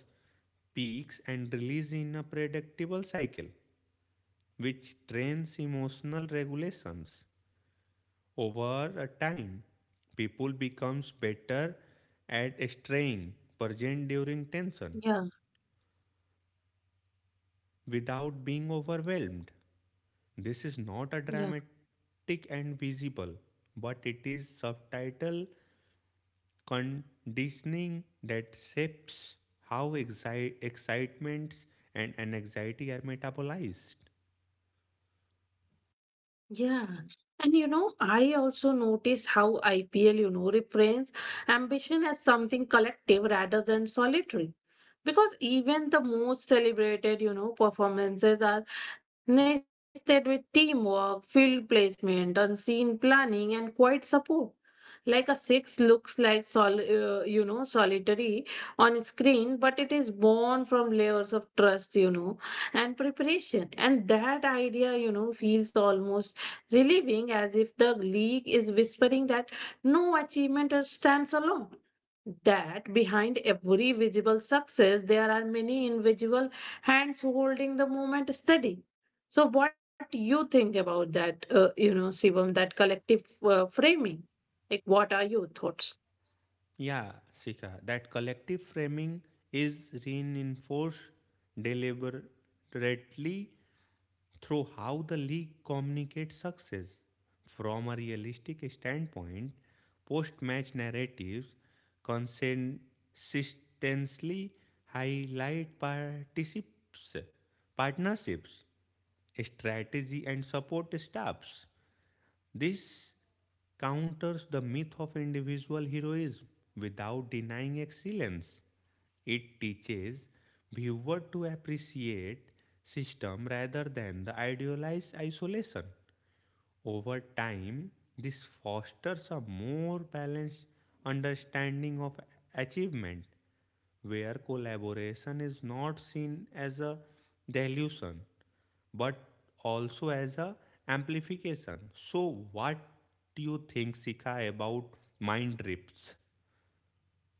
Speaker 2: peaks and release in a predictable cycle, which trains emotional regulations. Over a time, people becomes better at staying present during tension
Speaker 1: Yeah.
Speaker 2: without being overwhelmed. This is not a
Speaker 1: Yeah.
Speaker 2: dramatic and visible, but it is subtitle conditioning that shapes how excitements and anxiety are metabolized.
Speaker 1: Yeah. And you know, I also notice how IPL, you know, reframes ambition as something collective rather than solitary. Because even the most celebrated, you know, performances are nested with teamwork, field placement, unseen planning, and quiet support like a 6 looks like you know solitary on screen but it is born from layers of trust you know and preparation and that idea you know feels almost relieving as if the league is whispering that no achievement stands alone that behind every visible success there are many invisible hands holding the movement steady so what you think about that you know shivam that collective framing like what are your thoughts?
Speaker 2: Yeah, Sika, that collective framing is reinforced deliberately through how the league communicates success. From a realistic standpoint, post match narratives consistently highlight particips, partnerships strategy, and support staffs. This counters the myth of individual heroism without denying excellence. It teaches viewers to appreciate system rather than the idealized isolation. Over time, this fosters a more balanced understanding of achievement where collaboration is not seen as a dilution but also as a amplification. So what do you think, Sikha, about mind trips?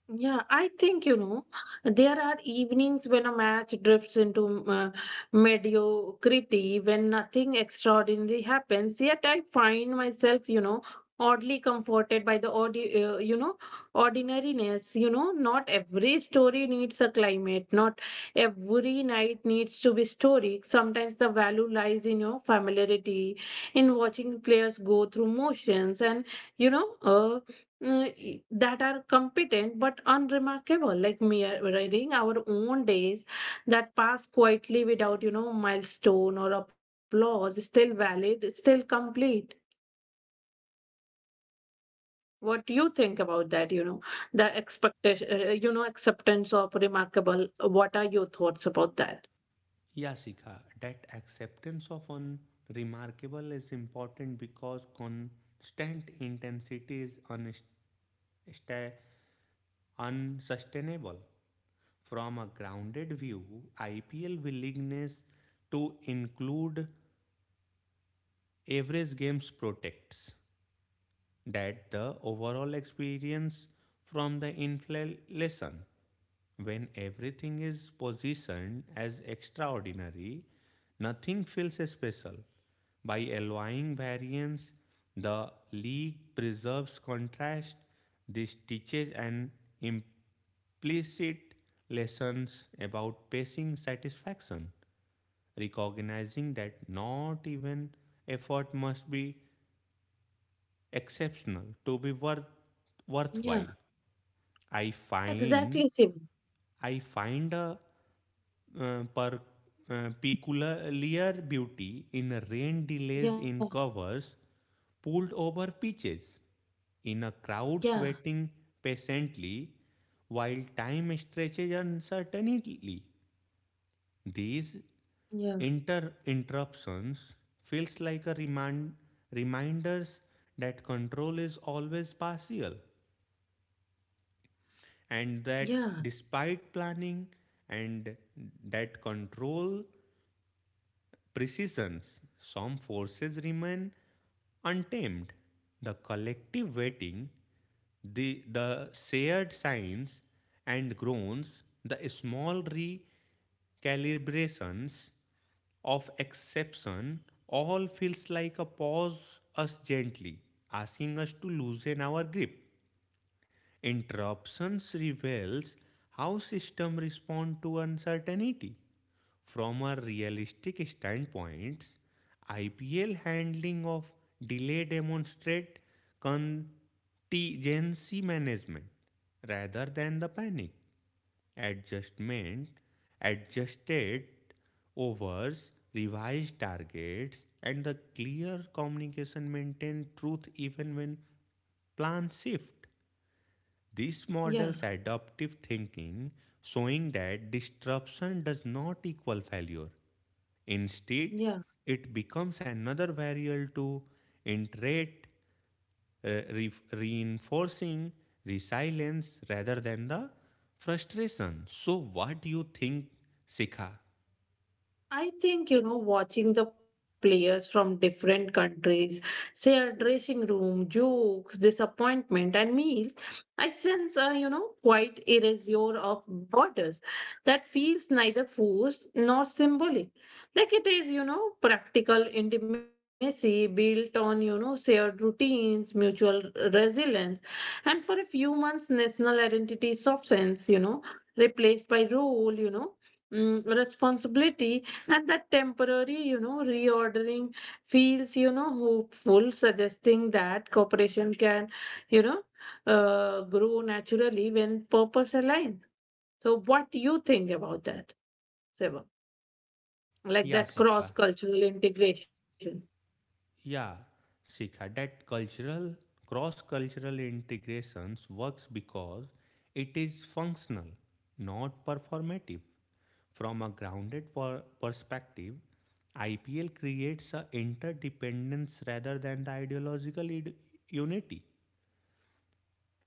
Speaker 1: Yeah, I think you know, there are evenings when a match drifts into mediocrity, when nothing extraordinary happens. Yet I find myself, you know, oddly comforted by the you know, ordinariness. You know, not every story needs a climate. Not every night needs to be story. Sometimes the value lies in your familiarity, in watching players go through motions, and you know. Uh, that are competent but unremarkable like mirroring our own days that pass quietly without you know milestone or applause still valid still complete what do you think about that you know the expectation you know acceptance of remarkable what are your thoughts about that?
Speaker 2: Yeah, Sikha, that acceptance of unremarkable is important because constant intensity is unsustainable. From a grounded view, IPL willingness to include Average Games protects that the overall experience from the inflation lesson. When everything is positioned as extraordinary, nothing feels special. By allowing variance, the league preserves contrast. This teaches an implicit lessons about pacing satisfaction, recognizing that not even effort must be exceptional to be worth
Speaker 1: Yeah,
Speaker 2: worthwhile. i find
Speaker 1: exactly same.
Speaker 2: i find a uh, per, peculiar beauty in rain delays,
Speaker 1: Yeah.
Speaker 2: in covers pulled over pitches, in a crowd
Speaker 1: Yeah.
Speaker 2: sweating patiently while time stretches uncertainly. These
Speaker 1: Yeah.
Speaker 2: interruptions feels like a reminders that control is always partial and that
Speaker 1: Yeah.
Speaker 2: despite planning and that control precisions, some forces remain untamed. The collective waiting, the shared signs and groans, the small recalibrations of exception all feels like a pause us gently, asking us to loosen our grip. Interruptions reveals how systems respond to uncertainty. From a realistic standpoint, IPL handling of delay demonstrate contingency management rather than the panic. Adjustment, adjusted overs, revised targets, and the clear communication maintain truth even when plans shift. This
Speaker 1: Yeah.
Speaker 2: model's adaptive thinking, showing that disruption does not equal failure. Instead,
Speaker 1: Yeah.
Speaker 2: it becomes another variable to iterate, reinforcing resilience rather than the frustration. So, what do you think, Sikha?
Speaker 1: I think, you know, watching the players from different countries share dressing room, jokes, disappointment, and meals, I sense a, you know, quite erasure of borders that feels neither forced nor symbolic. Like it is, you know, practical intimacy built on, you know, shared routines, mutual resilience, and for a few months, national identity softens, you know, replaced by role, you know. Responsibility and that temporary, you know, reordering feels, you know, hopeful, suggesting that cooperation can, you know, grow naturally when purpose align. So, what do you think about that, Seva? Like
Speaker 2: Yeah,
Speaker 1: that cross
Speaker 2: Sikha.
Speaker 1: cultural integration?
Speaker 2: Yeah, Sikha, that cultural cross-cultural integrations works because it is functional, not performative. From a grounded perspective, IPL creates a interdependence rather than the ideological unity.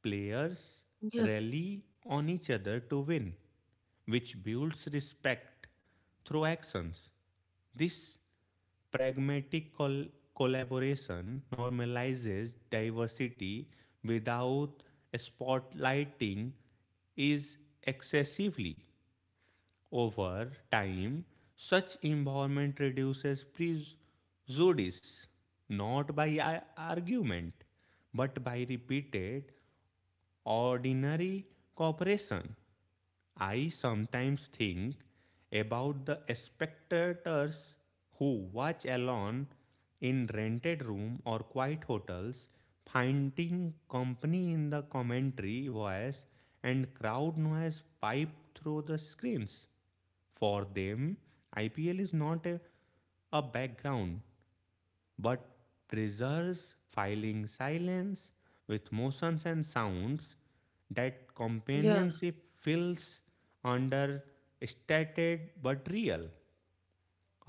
Speaker 2: Players
Speaker 1: Yeah,
Speaker 2: rally on each other to win, which builds respect through actions. This pragmatic collaboration normalizes diversity without spotlighting is excessively over time such environment reduces prejudice not by argument but by repeated ordinary cooperation. I sometimes think about the spectators who watch alone in rented room or quiet hotels, finding company in the commentary voice and crowd noise piped through the screens. For them, IPL is not a background but preserves filing silence with motions and sounds. That
Speaker 1: yeah,
Speaker 2: companionship feels under stated but real.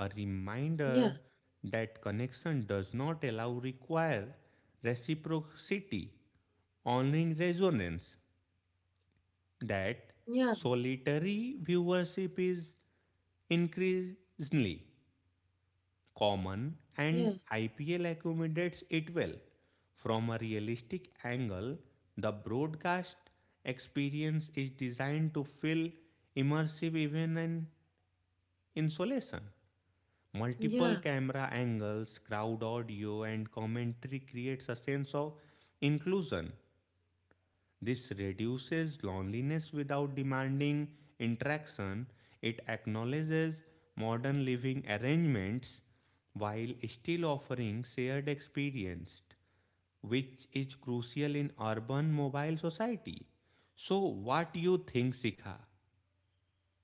Speaker 2: A reminder
Speaker 1: yeah,
Speaker 2: that connection does not allow require reciprocity, owning resonance, that
Speaker 1: yeah,
Speaker 2: solitary viewership is increasingly common, and
Speaker 1: yeah,
Speaker 2: IPL accommodates it well. From a realistic angle, the broadcast experience is designed to feel immersive even in isolation. Multiple
Speaker 1: yeah.
Speaker 2: camera angles, crowd audio, and commentary creates a sense of inclusion. This reduces loneliness without demanding interaction. It acknowledges modern living arrangements while still offering shared experience, which is crucial in urban mobile society. So, what you think, Sikha?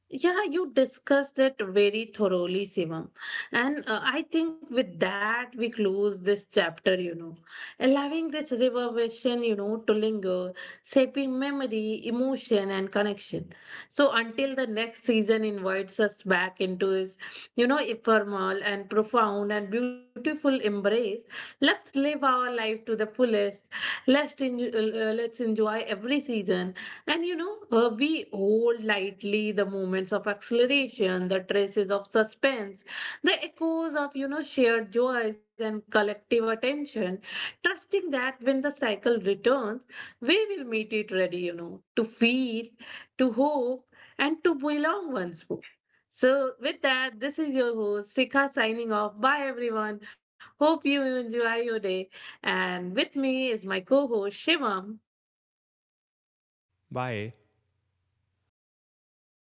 Speaker 1: Yeah, you discussed it very thoroughly, Sivam. And I think with that, we close this chapter, you know, allowing this river vision, you know, to linger, shaping memory, emotion, and connection. So until the next season invites us back into his, you know, ephemeral and profound and beautiful embrace, let's live our life to the fullest. Let's enjoy every season and you know, we hold lightly the moments of acceleration, the traces of suspense, the echoes of, you know, shared joys and collective attention, trusting that when the cycle returns, we will meet it ready, you know, to feel, to hope, and to belong once more. So, with that, this is your host, Sika, signing off. Bye, everyone. Hope you enjoy your day. And with me is my co host, Shivam.
Speaker 2: Why?